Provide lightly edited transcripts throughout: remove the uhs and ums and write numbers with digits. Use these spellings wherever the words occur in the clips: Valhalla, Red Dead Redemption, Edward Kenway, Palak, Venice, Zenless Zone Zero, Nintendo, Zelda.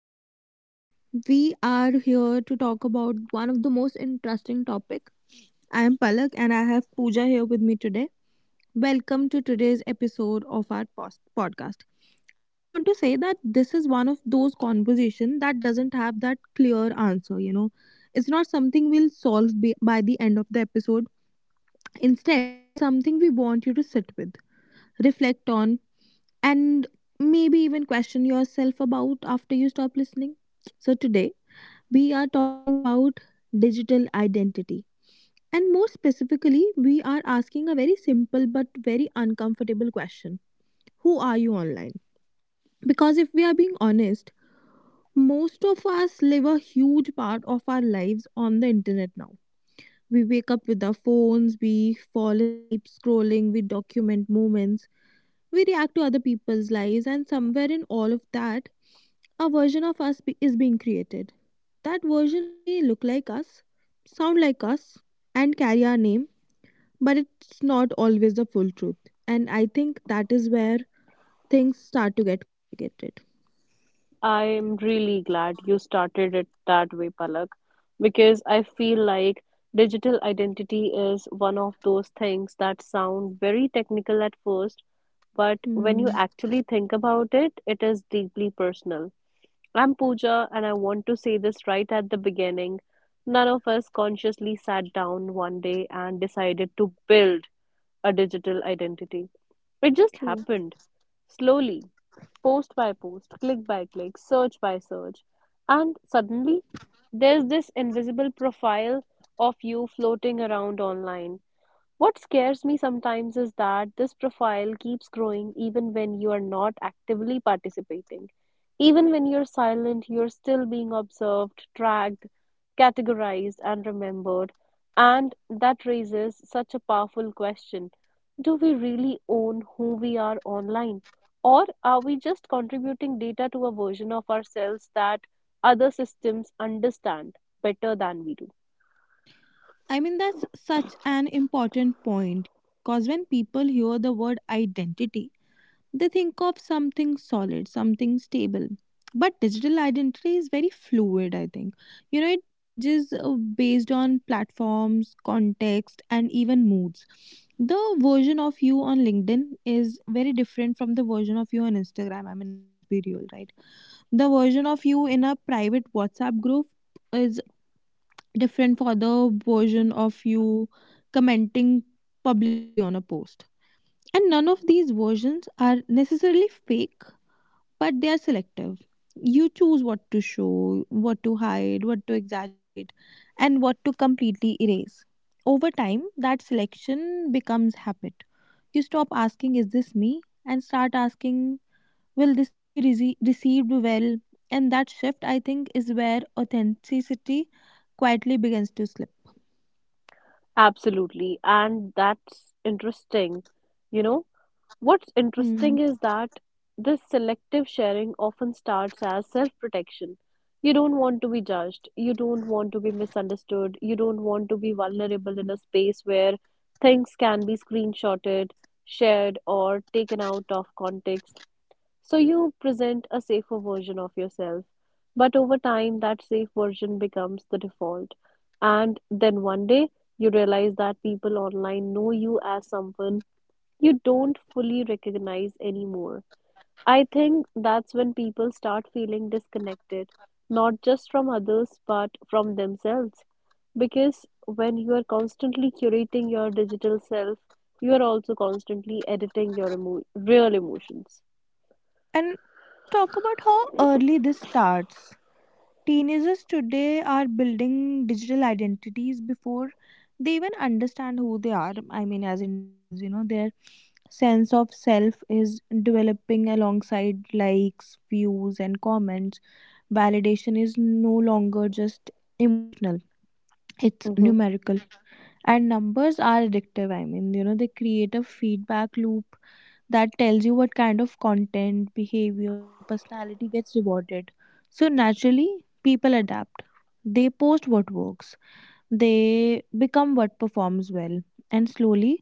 everybody. We are here to talk about one of the most interesting topic. I am Palak and I have Pooja here with me today. Welcome to today's episode of our podcast. I just want to say that this is one of those conversation that doesn't have that clear answer. It's not something we'll solve by the end of the episode. Instead, it's something we want you to sit with, reflect on and maybe even question yourself about after you stop listening. So, today we are talking about digital identity. And more specifically, we are asking a very simple but very uncomfortable question. Who are you online? Because if we are being honest, most of us live a huge part of our lives on the internet now. We wake up with our phones, we fall asleep scrolling, we document moments, we react to other people's lives, and somewhere in all of that, a version of is being created. That version may look like us, sound like us, and carry our name, but it's not always the full truth. And I think that is where things start to get complicated. I'm really glad you started it that way, Palak, because I feel like digital identity is one of those things that sound very technical at first, but when Hmm, you actually think about it, it is deeply personal. I'm Pooja, and I want to say this right at the beginning. None of us consciously sat down one day and decided to build a digital identity. It just true. happened slowly, post by post, click by click, search by search. And suddenly, there's this invisible profile of you floating around online. What scares me sometimes is that this profile keeps growing even when you are not actively participating. Even when you're silent, you're still being observed, tracked, categorized, and remembered. And that raises such a powerful question. Do we really own who we are online? Or are we just contributing data to a version of ourselves that other systems understand better than we do? I mean, that's such an important point, you know, because when people hear the word identity, they think of something solid, something stable. But digital identity is very fluid, I think. You know, it changes based on platforms, context, and even moods. The version of you on LinkedIn is very different from the version of you on Instagram. I mean, let's be real, right? The version of you in a private WhatsApp group is different for the version of you commenting publicly on a post. And none of these versions are necessarily fake but they are selective. You choose what to show, what to hide, what to exaggerate, and what to completely erase. Over time, that selection becomes habit. You stop asking, is this me? And start asking, will this be received well? And that shift, I think, is where authenticity quietly begins to slip. Absolutely, and that's interesting. You know, what's Hmm. interesting is that this selective sharing often starts as self-protection. You don't want to be judged, you don't want to be misunderstood, you don't want to be vulnerable in a space where things can be screenshotted, shared, or taken out of context. So you present a safer version of yourself, but over time, that safe version becomes the default. And then one day, you realize that people online know you as someone you don't fully recognize anymore. I think that's when people start feeling disconnected, not just from others, but from themselves. Because when you are constantly curating your digital self, you are also constantly editing your real emotions. And let's talk about how early this starts. Teenagers today are building digital identities before they even understand who they are. I mean, as individuals, you know, their sense of self is developing alongside likes, views, and comments. Validation is no longer just emotional, it's Mhm. numerical, and numbers are addictive. I mean, you know, they create a feedback loop that tells you what kind of content, behavior or personality gets rewarded. So naturally, people adapt, they post what works, they become what performs well, and slowly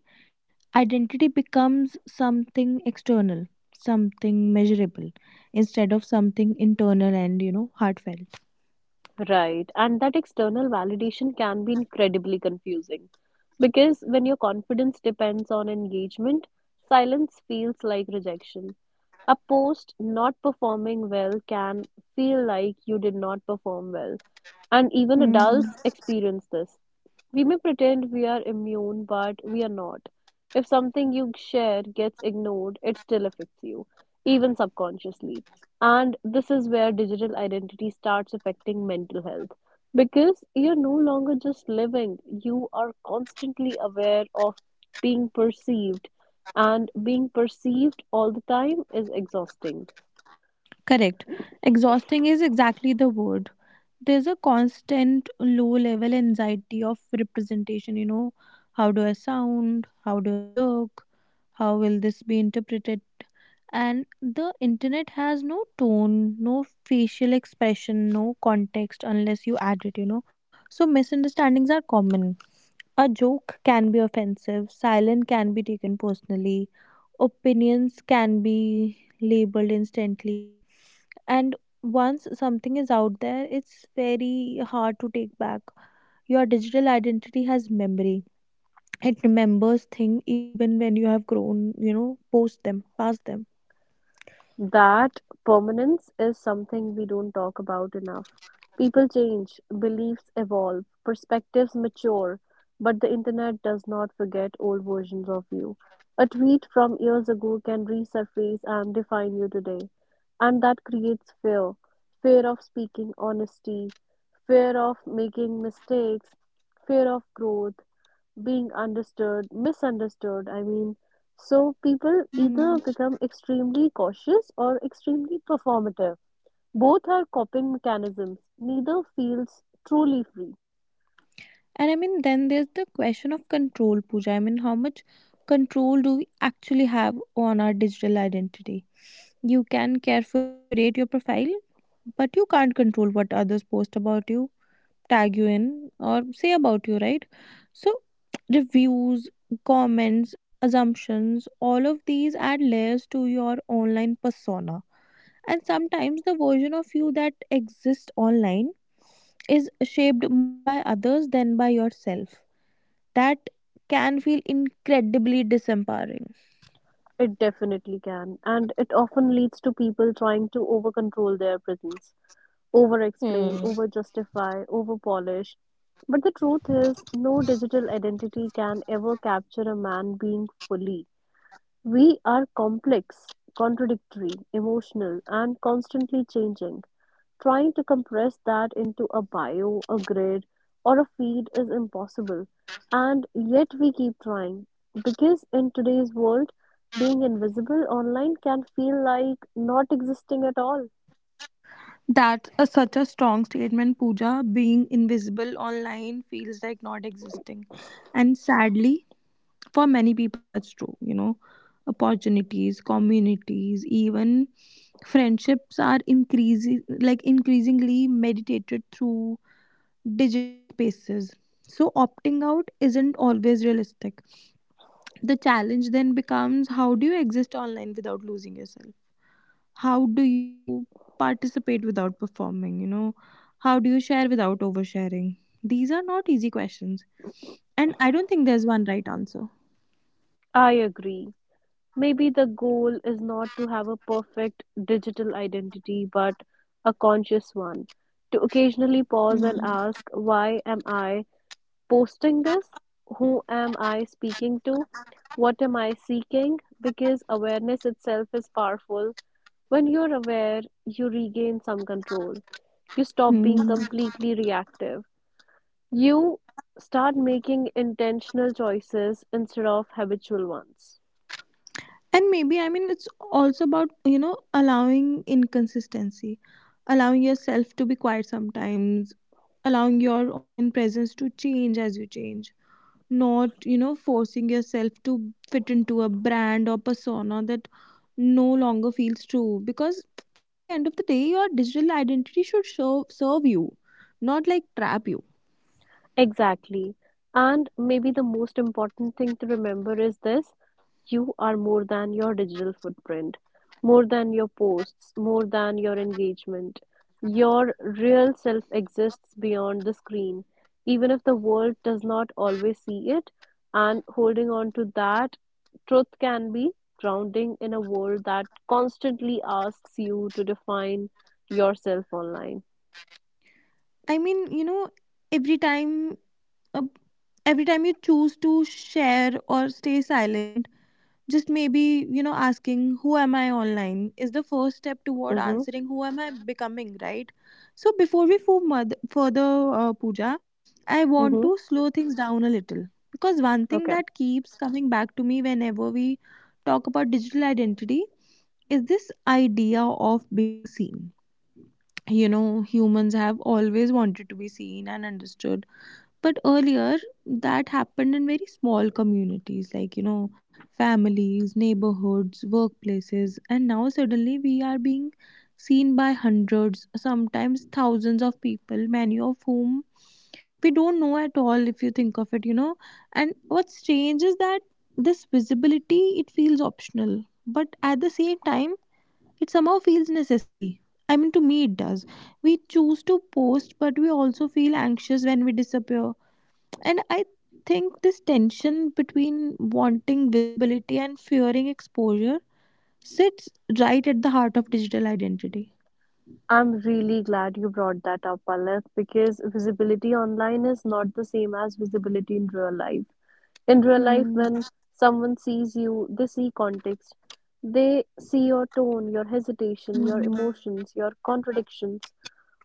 identity becomes something external, something measurable, instead of something internal and, you know, heartfelt. Right. And that external validation can be incredibly confusing because when your confidence depends on engagement, silence feels like rejection. A post not performing well can feel like you did not perform well. And even Mm. adults experience this. We may pretend we are immune, but we are not. If something you share gets ignored, it still affects you, even subconsciously. And this is where digital identity starts affecting mental health. Because you're no longer just living, you are constantly aware of being perceived, and being perceived all the time is exhausting. Correct, exhausting is exactly the word. There's a constant low level anxiety of representation, you know, how do I sound, how do I look, how will this be interpreted? And the internet has no tone, no facial expression, no context unless you add it, you know. So misunderstandings are common. A joke can be offensive, silence can be taken personally, opinions can be labeled instantly, and once something is out there it's very hard to take back. Your digital identity has memory. It remembers thing even when you have grown, you know, post them past them. That permanence is something we don't talk about enough. People change, beliefs evolve, perspectives mature, but the internet does not forget old versions of you. A tweet from years ago can resurface and define you today. And that creates fear, fear of speaking honesty, fear of making mistakes, fear of growth, being understood, misunderstood. I mean, so people Hmm. either become extremely cautious or extremely performative. Both are coping mechanisms. Neither feels truly free. And I mean then there's the question of control, Pooja. I mean how much control do we actually have on our digital identity? You can carefully curate your profile but you can't control what others post about you, tag you in or say about you, right? So, reviews, comments, assumptions, all of these add layers to your online persona. And sometimes the version of you that exists online is shaped more by others than by yourself. That can feel incredibly disempowering. It definitely can, and it often leads to people trying to over control their presence, over explain, Hmm. over justify, over polish. But the truth is, no digital identity can ever capture a man being fully. We are complex, contradictory, emotional, and constantly changing. Trying to compress that into a bio, a grid, or a feed is impossible, and yet we keep trying. Because in today's world, being invisible online can feel like not existing at all. That's a, such a strong statement, Pooja. Being invisible online feels like not existing. And sadly, for many people that's true, you know, opportunities, communities, even friendships are increasing, like increasingly meditated through digital spaces. So opting out isn't always realistic. The challenge then becomes, how do you exist online without losing yourself? How do you participate without performing, you know? How do you share without oversharing? These are not easy questions, and I don't think there's one right answer. I agree. Maybe the goal is not to have a perfect digital identity, but a conscious one. To occasionally pause and Hmm. ask, why am I posting this? Who am I speaking to? What am I seeking? Because awareness itself is powerful. When you're aware, you regain some control. You stop being Hmm. completely reactive. You start making intentional choices instead of habitual ones. And maybe, I mean it's also about, you know, allowing inconsistency, allowing yourself to be quiet sometimes, allowing your online presence to change as you change, not, you know, forcing yourself to fit into a brand or persona that no longer feels true, because at the end of the day your digital identity should show, serve you, not like trap you. Exactly. And maybe the most important thing to remember is this, you are more than your digital footprint, more than your posts, more than your engagement. Your real self exists beyond the screen, even if the world does not always see it. And holding on to that truth can be grounding in a world that constantly asks you to define yourself online. I mean, you know, every time uh, every time you choose to share or stay silent, just maybe, you know, asking who am I online is the first step toward Mm-hmm. answering who am I becoming, right? So before we move further, puja I want Mm-hmm. to slow things down a little because one thing Okay. that keeps coming back to me whenever we talk about digital identity is this idea of being seen, you know. Humans have always wanted to be seen and understood, but earlier, that happened in very small communities, like, you know, families, neighborhoods, workplaces, and now suddenly we are being seen by hundreds, sometimes thousands of people, many of whom we don't know at all, if you think of it, you know. And what's strange is that this visibility, it feels optional, but at the same time, it somehow feels necessary. I mean, to me, it does. We choose to post, but we also feel anxious when we disappear and I think this tension between wanting visibility and fearing exposure sits right at the heart of digital identity. I'm really glad you brought that up, Palak, because visibility online is not the same as visibility in real life. In real life, Hmm. when someone sees you, they see context. They see your tone, your hesitation, your Hmm. emotions, your contradictions.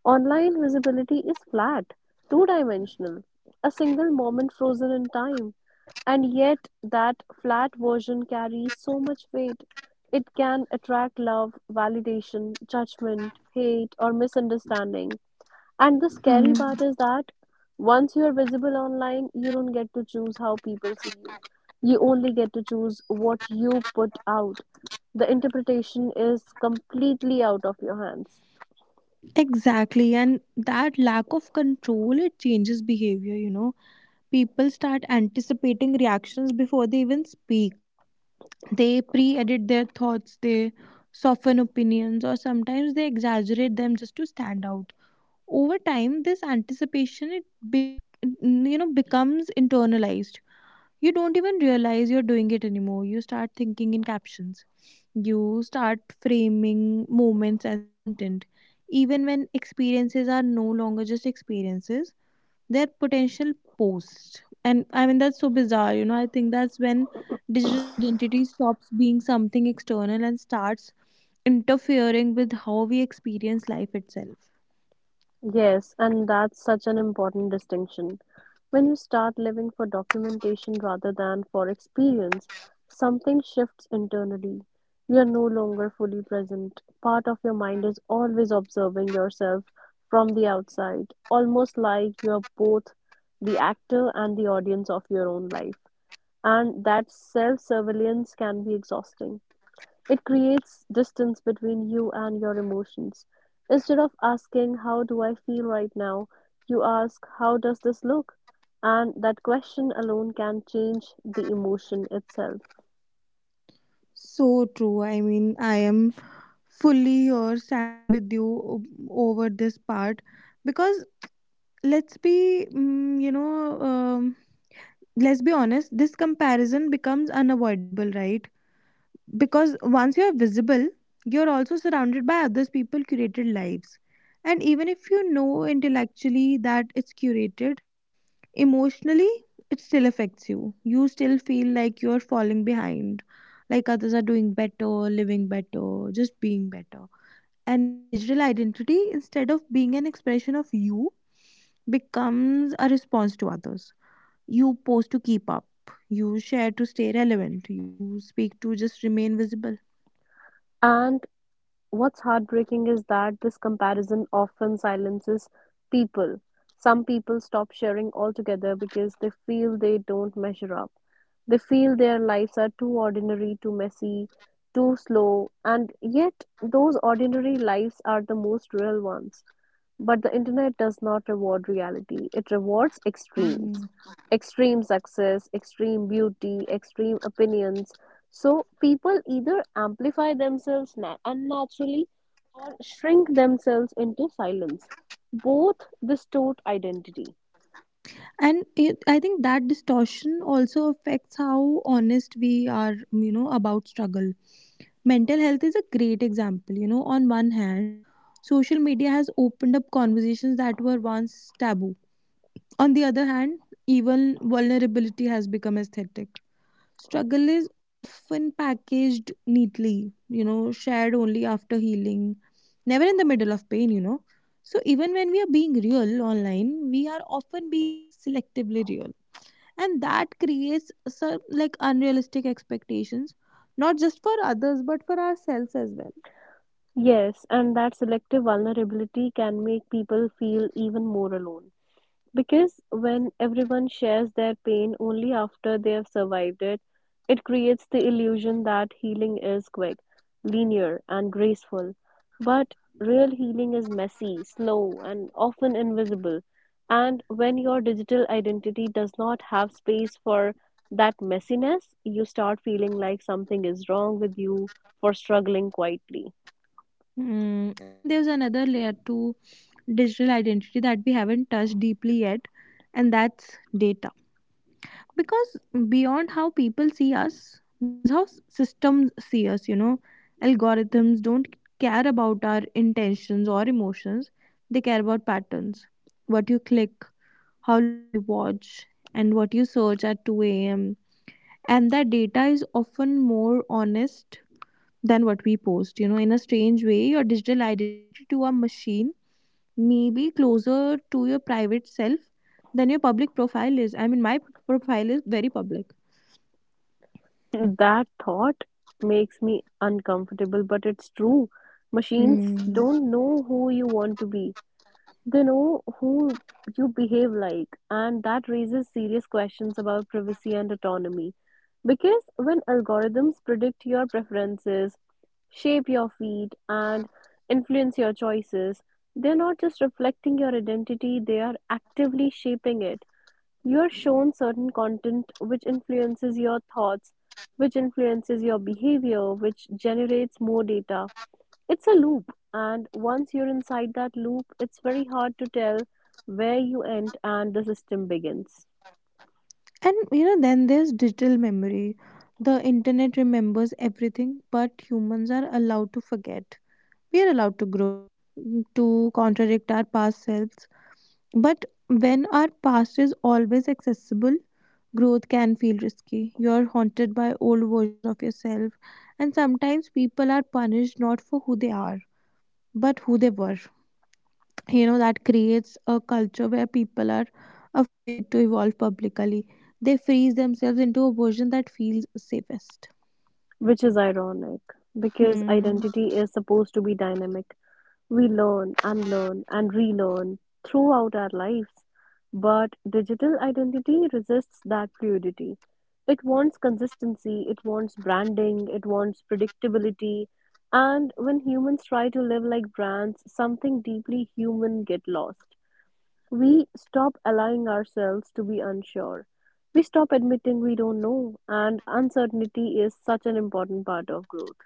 Online visibility is flat, two dimensional, a single moment frozen in time. And yet that flat version carries so much weight, it can attract love, validation, judgment, hate, or misunderstanding. And the Hmm. scary part is that once you are visible online, you don't get to choose how people see you. You only get to choose what you put out. The interpretation is completely out of your hands. Exactly, and that lack of control, it changes behavior, you know. People start anticipating reactions before they even speak. They pre-edit their thoughts, they soften opinions, or sometimes they exaggerate them just to stand out. Over time this anticipation, you know, becomes internalized. You don't even realize you're doing it anymore. You start thinking in captions, you start framing moments as content, even when experiences are no longer just experiences, they're potential posts. And I mean that's so bizarre, you know, I think that's when digital identity stops being something external and starts interfering with how we experience life itself. Yes, and that's such an important distinction. When you start living for documentation rather than for experience, something shifts internally. You are no longer fully present. Part of your mind is always observing yourself from the outside, almost like you are both the actor and the audience of your own life. And that self surveillance can be exhausting. It creates distance between you and your emotions. Instead of asking, how do I feel right now? You ask, how does this look? And that question alone can change the emotion itself. So true. I mean, I am fully or standing with you over this part because let's be, you know, let's be honest, this comparison becomes unavoidable, right? Because once you're visible, you're also surrounded by others people curated lives. And even if you know intellectually that it's curated, emotionally it still affects you. You still feel like you're falling behind, like others are doing better, living better, just being better. And your digital identity, instead of being an expression of you, becomes a response to others. You post to keep up, you share to stay relevant, you speak to just remain visible. And What's heartbreaking is that this comparison often silences people. Some people stop sharing altogether because they feel they don't measure up. They feel their lives are too ordinary, too messy, too slow, and yet those ordinary lives are the most real ones. But the internet does not reward reality, it rewards extremes. Mhm. Extreme success, extreme beauty, extreme opinions. So people either amplify themselves unnaturally or shrink themselves into silence. Both distort identity. And it, I think that distortion also affects how honest we are, you know, about struggle. Mental health is a great example. You know, on one hand, social media has opened up conversations that were once taboo. On the other hand, even vulnerability has become aesthetic. Struggle is often packaged neatly, you know, shared only after healing, never in the middle of pain, you know. So even when we are being real online, we are often being selectively real. And that creates some like unrealistic expectations, not just for others, but for ourselves as well. Yes, and that selective vulnerability can make people feel even more alone. Because when everyone shares their pain only after they've survived it, it creates the illusion that healing is quick, linear, and graceful. But real healing is messy, slow, and often invisible. And when your digital identity does not have space for that messiness, you start feeling like something is wrong with you for struggling quietly. Mm, I mean, there's another layer to digital identity that we haven't touched deeply yet, and that's data. Because beyond how people see us, there's how systems see us, you know. Algorithms don't care about our intentions or emotions, they care about patterns. What you click, how long you watch, and what you search at 2 a.m. And that data is often more honest than what we post. You know, in a strange way, your digital identity to a machine maybe closer to your private self than your public profile is. I mean, my profile is very public. That thought makes me uncomfortable, but it's true. Machines Mm. don't know who you want to be. They know who you behave like, and that raises serious questions about privacy and autonomy. Because when algorithms predict your preferences, shape your feed, and influence your choices, they're not just reflecting your identity, they are actively shaping it. You are shown certain content which influences your thoughts, which influences your behavior, which generates more data. It's a loop, and once you're inside that loop, it's very hard to tell where you end and the system begins. And you know, then there's digital memory. The internet remembers everything, but humans are allowed to forget. We are allowed to grow, to contradict our past selves. But when our past is always accessible, growth can feel risky. You're haunted by old versions of yourself, and sometimes people are punished not for who they are but who they were. You know, that creates a culture where people are afraid to evolve publicly. They freeze themselves into a version that feels safest. Which is ironic because Hmm. identity is supposed to be dynamic. We learn, unlearn, and relearn throughout our lives, but digital identity resists that fluidity. It wants consistency, it wants branding, it wants predictability, and when humans try to live like brands, something deeply human get lost. We stop allowing ourselves to be unsure. We stop admitting we don't know, and uncertainty is such an important part of growth.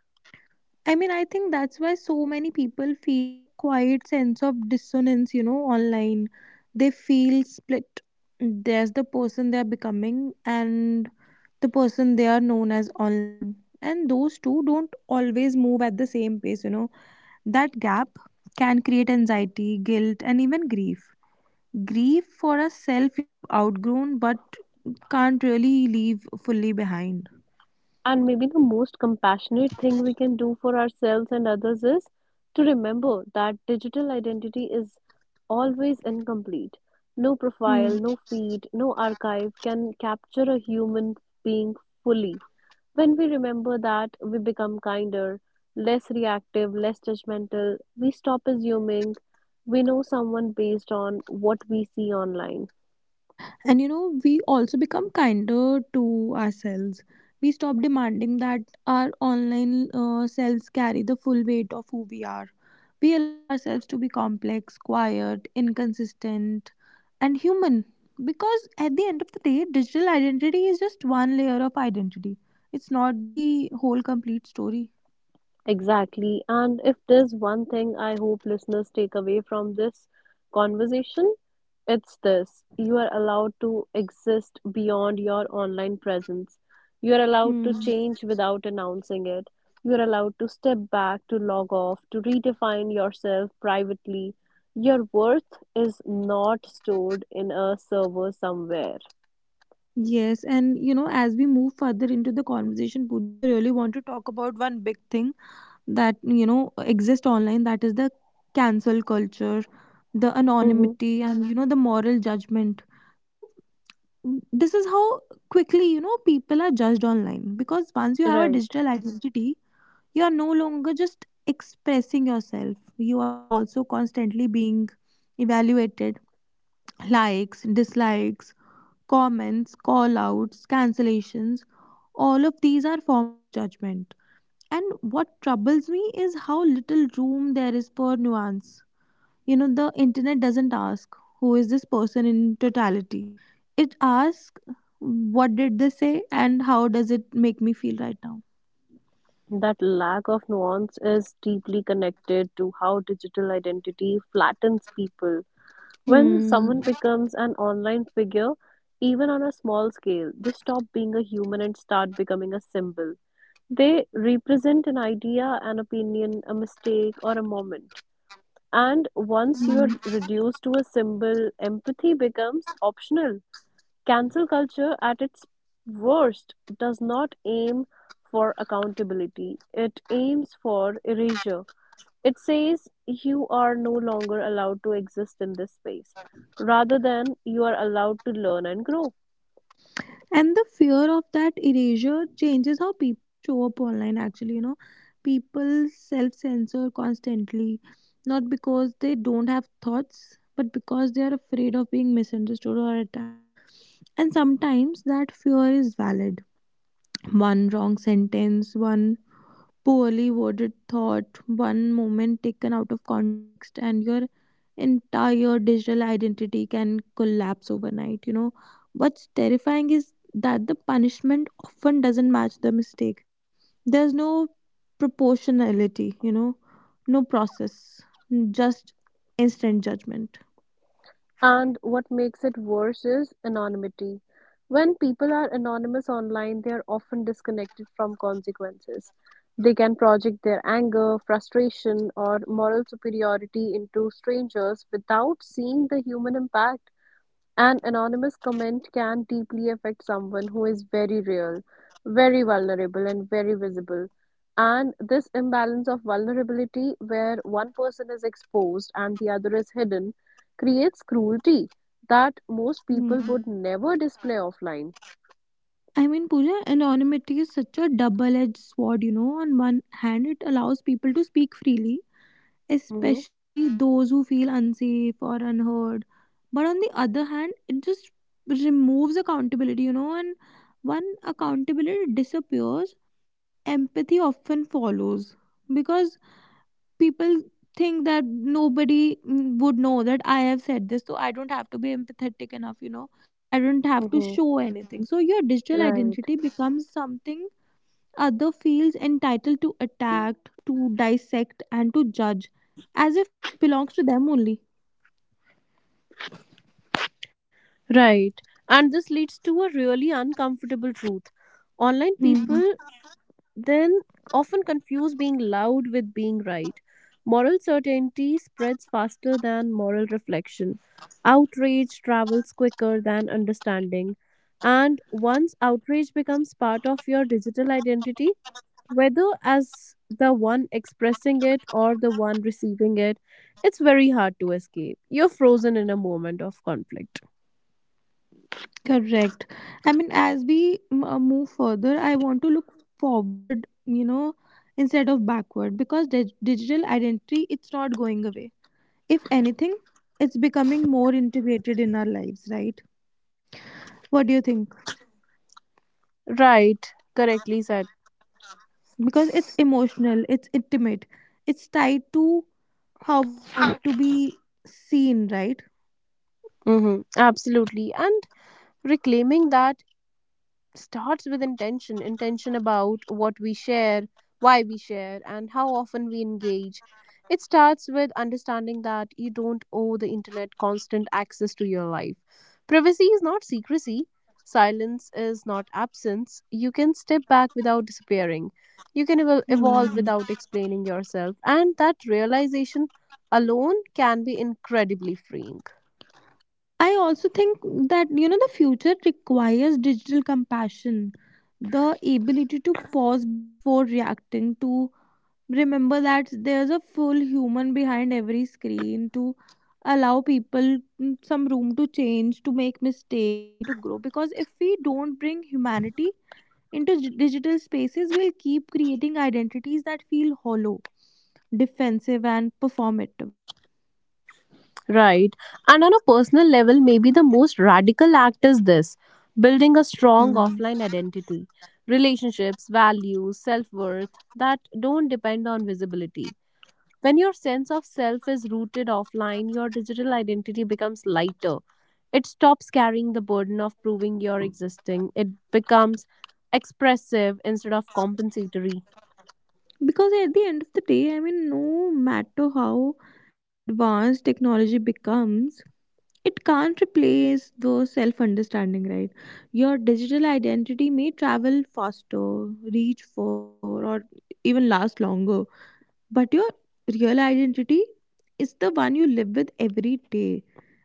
I mean, I think that's why so many people feel a quiet sense of dissonance, you know, online. They feel split. There's the person they are becoming and the person they are known as online. And those two don't always move at the same pace, you know. That gap can create anxiety, guilt, and even grief. Grief for a self you have outgrown but can't really leave fully behind. And maybe the most compassionate thing we can do for ourselves and others is to remember that digital identity is always incomplete. No profile, Hmm. no feed, no archive can capture a human being fully. When we remember that, we become kinder, less reactive, less judgmental. We stop assuming we know someone based on what we see online. And we also become kinder to ourselves. We stop demanding that our online selves carry the full weight of who we are. We allow ourselves to be complex, quiet, inconsistent, and human. Because at the end of the day, digital identity is just one layer of identity, it's not the whole complete story. Exactly. And if there's one thing I hope listeners take away from this conversation, it's this. You are allowed to exist beyond your online presence. You are allowed to Hmm. change without announcing it. You are allowed to step back, to log off, to redefine yourself privately. Your worth is not stored in a server somewhere. Yes, and as we move further into the conversation, Pooja, I really want to talk about one big thing that exist online, that is the cancel culture, the Mhm. anonymity, and the moral judgment. So this is how quickly people are judged online. Because once you have a Right. digital identity, you are no longer just expressing yourself, you are also constantly being evaluated. Likes, dislikes, comments, call outs, cancellations, all of these are forms of judgment. And what troubles me is how little room there is for nuance. You know, the internet doesn't ask who is this person in totality. It asks what did they say and how does it make me feel right now. That lack of nuance is deeply connected to how digital identity flattens people. When Hmm. someone becomes an online figure, even on a small scale, they stop being a human and start becoming a symbol. They represent an idea, an opinion, a mistake, or a moment. And once you are Hmm. reduced to a symbol, empathy becomes optional. Cancel culture at its worst does not aim for accountability, it aims for erasure. It says you are no longer allowed to exist in this space, rather than you are allowed to learn and grow. And the fear of that erasure changes how people show up online, actually. You know, people self censor constantly, not because they don't have thoughts, but because they are afraid of being misunderstood or attacked. And sometimes that fear is valid. One wrong sentence, one poorly worded thought, one moment taken out of context, and your entire digital identity can collapse overnight. You know, what's terrifying is that the punishment often doesn't match the mistake. There's no proportionality, you know, no process, just instant judgment. And what makes it worse is anonymity. When people are anonymous online, they are often disconnected from consequences. They can project their anger, frustration, or moral superiority into strangers without seeing the human impact. An anonymous comment can deeply affect someone who is very real, very vulnerable, and very visible. And this imbalance of vulnerability, where one person is exposed and the other is hidden, creates cruelty that most people would never display offline. I mean, Pooja, anonymity is such a double edged sword, you know. On one hand, it allows people to speak freely, Mm-hmm. especially those who feel unsafe or unheard. But on the other hand, it just removes accountability, you know, and when accountability disappears, empathy often follows. Because people think that nobody would know that I have said this, so I don't have to be empathetic enough, I don't have to Mm-hmm. show anything. So your digital Right. identity becomes something other feels entitled to attack, to dissect, and to judge as if it belongs to them only. Right. And this leads to a really uncomfortable truth. Online Hmm. people then often confuse being loud with being right. Moral certainty spreads faster than moral reflection. Outrage travels quicker than understanding. And once outrage becomes part of your digital identity, whether as the one expressing it or the one receiving it, it's very hard to escape. You're frozen in a moment of conflict. Correct. I mean, as we move further, I want to look forward, you know, instead of backward, because digital identity, it's not going away. If anything, it's becoming more integrated in our lives, right? What do you think? Right, correctly said. Because it's emotional, it's intimate, it's tied to how we want to be seen, right? Hmm. Absolutely. And reclaiming that starts with intention about what we share, why we share, and how often we engage. It starts with understanding that you don't owe the internet constant access to your life. Privacy is not secrecy, silence is not absence. You can step back without disappearing, you can evolve Hmm. without explaining yourself, and that realization alone can be incredibly freeing. I also think that the future requires digital compassion, the ability to pause before reacting, to remember that there's a full human behind every screen, to allow people some room to change, to make mistakes, and to grow. Because if we don't bring humanity into digital spaces, we'll keep creating identities that feel hollow, defensive, and performative. Right. And on a personal level, maybe the most radical act is this: building a strong Hmm. offline identity, relationships, values, self worth that don't depend on visibility. When your sense of self is rooted offline, your digital identity becomes lighter. It stops carrying the burden of proving you're existing. It becomes expressive instead of compensatory. Because at the end of the day, I mean, no matter how advanced technology becomes, it can't replace the self understanding, right? Your digital identity may travel faster, reach further, or even last longer, but your real identity is the one you live with every day,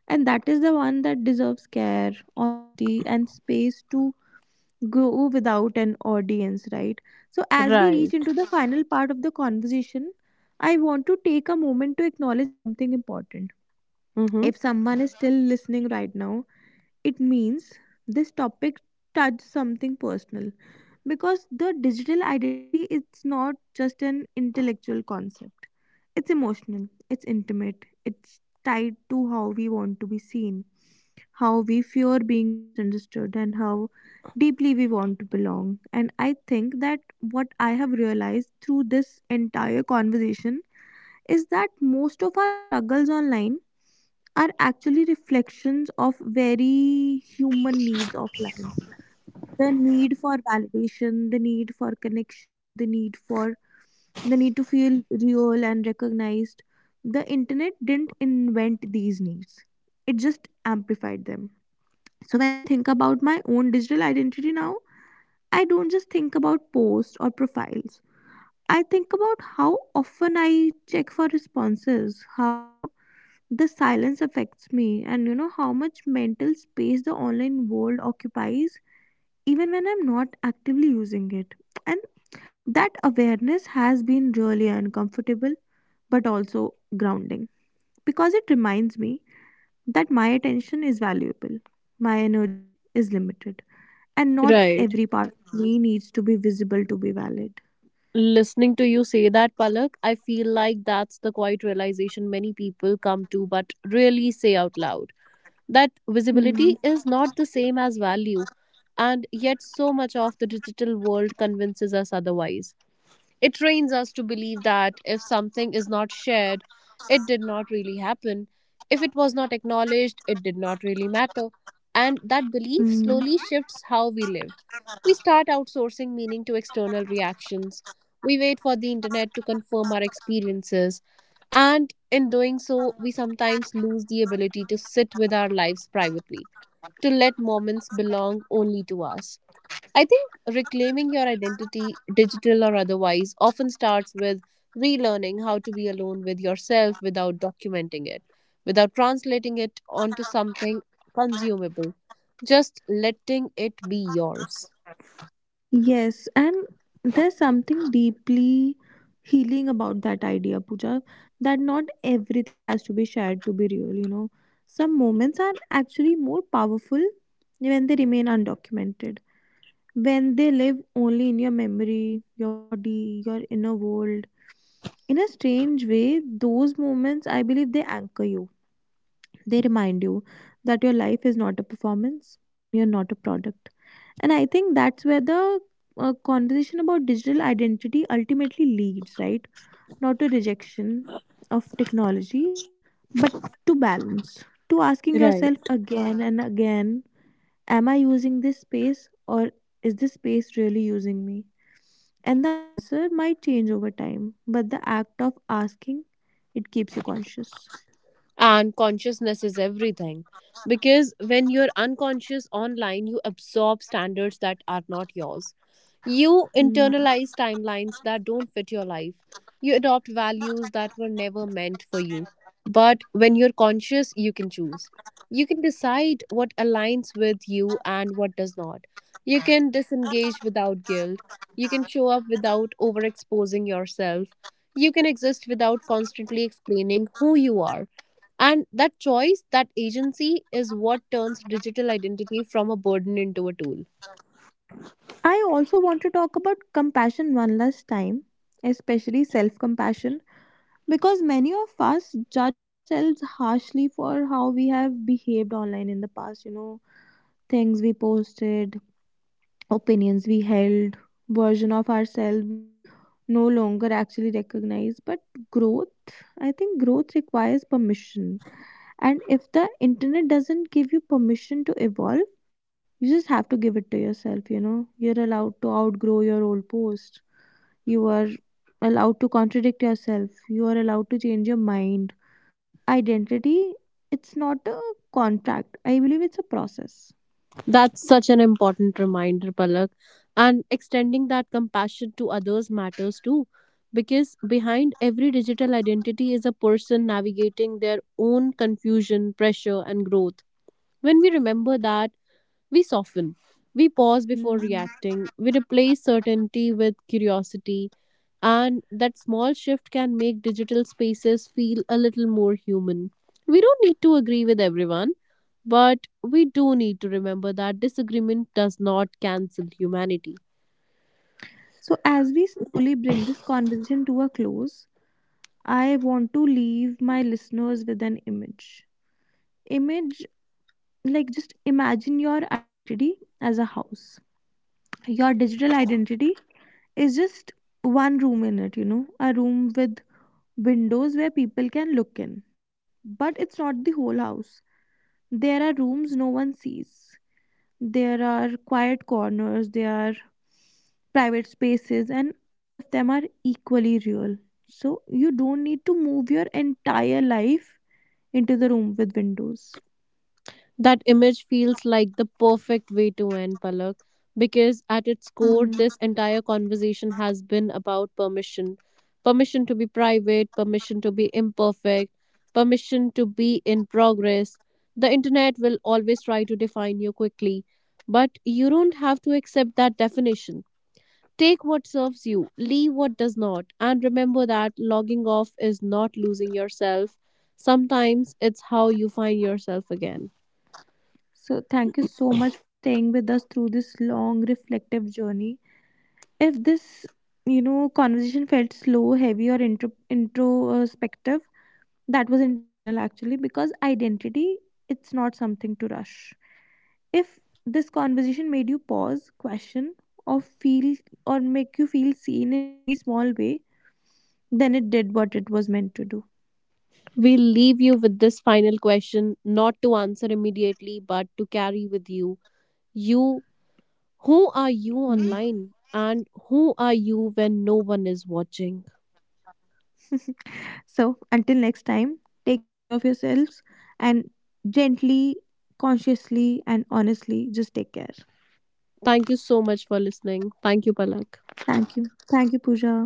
and that is the one that deserves care, honesty, and space to grow without an audience, right? So as we reach Right. into the final part of the conversation, I want to take a moment to acknowledge something important. Mm-hmm. If someone is still listening right now, it means this topic touched something personal. Because the digital identity is not just an intellectual concept, it's emotional, it's intimate, it's tied to how we want to be seen, how we fear being misunderstood, and how deeply we want to belong. And I think that what I have realized through this entire conversation is that most of our struggles online are actually reflections of very human needs offline. The need for validation, the need for connection, the need for, the need to feel real and recognized. The internet didn't invent these needs, it just amplified them. So when I think about my own digital identity now, I don't just think about posts or profiles. I think about how often I check for responses, how the silence affects me, and you know, how much mental space the online world occupies even when I'm not actively using it. And that awareness has been really uncomfortable, but also grounding, because it reminds me that my attention is valuable, my energy is limited, and not Right. every part of me needs to be visible to be valid. Listening to you say that, Palak, I feel like that's the quiet realization many people come to but really say out loud. That Hmm. visibility is not the same as value, and yet so much of the digital world convinces us otherwise. It trains us to believe that if something is not shared, it did not really happen. If it was not acknowledged, it did not really matter. And that belief Hmm. slowly shifts how we live. We start outsourcing meaning to external reactions. We wait for the internet to confirm our experiences. And in doing so, we sometimes lose the ability to sit with our lives privately, to let moments belong only to us. I think reclaiming your identity, digital or otherwise, often starts with relearning how to be alone with yourself without documenting it, without translating it onto something consumable, just letting it be yours. Yes, and there's something deeply healing about that idea, Pooja, that not everything has to be shared to be real, you know. Some moments are actually more powerful when they remain undocumented, when they live only in your memory, your body, your inner world. In a strange way, those moments, I believe, they anchor you. They remind you that your life is not a performance and you're not a product. And I think that's where the conversation about digital identity ultimately leads, right? Not to rejection of technology, but to balance, to asking Right. yourself again and again, am I using this space, or is this space really using me? And the answer might change over time, but the act of asking it keeps you conscious. And consciousness is everything, because when you're unconscious online, you absorb standards that are not yours, you Hmm. internalize timelines that don't fit your life, you adopt values that were never meant for you. But when you're conscious, you can choose. You can decide what aligns with you and what does not. You can disengage without guilt, you can show up without overexposing yourself, you can exist without constantly explaining who you are. And that choice, that agency is what turns digital identity from a burden into a tool. I also want to talk about compassion one last time, especially self compassion. Because many of us judge ourselves harshly for how we have behaved online in the past, you know, things we posted, opinions we held, version of ourselves we no longer actually recognize. But growth, I think growth requires permission. And if the internet doesn't give you permission to evolve, you just have to give it to yourself, you know. You're allowed to outgrow your old post. You are allowed to contradict yourself. You are allowed to change your mind. Identity, it's not a contract, I believe it's a process. That's such an important reminder, Palak. And extending that compassion to others matters too, because behind every digital identity is a person navigating their own confusion, pressure, and growth. When we remember that, we soften. We pause before Hmm. reacting. We replace certainty with curiosity, and that small shift can make digital spaces feel a little more human. We don't need to agree with everyone, but we do need to remember that disagreement does not cancel humanity. So as we slowly bring this conversation to a close, I want to leave my listeners with an image. Image, like just imagine your identity as a house. Your digital identity is just one room in it, you know, a room with windows where people can look in, but it's not the whole house. There are rooms no one sees, there are quiet corners, there are private spaces, and all of them are equally real. So you don't need to move your entire life into the room with windows. That image feels like the perfect way to end, Palak, because at its core, Mm. this entire conversation has been about permission: permission to be private, permission to be imperfect, permission to be in progress. The internet will always try to define you quickly, but you don't have to accept that definition. Take what serves you, leave what does not, and remember that logging off is not losing yourself. Sometimes it's how you find yourself again. So thank you so much for staying with us through this long reflective journey. If this conversation felt slow, heavy, or introspective, that was intentional actually, because identity, it's not something to rush. If this conversation made you pause, question, or feel, or make you feel seen in any small way, then it did what it was meant to do. We'll leave you with this final question, not to answer immediately, but to carry with you. You, who are you Hmm. online, and who are you when no one is watching? So, until next time, take care of yourselves and gently, consciously, and honestly, just take care. Thank you so much for listening. Thank you, Palak. Thank you. Thank you, Pooja.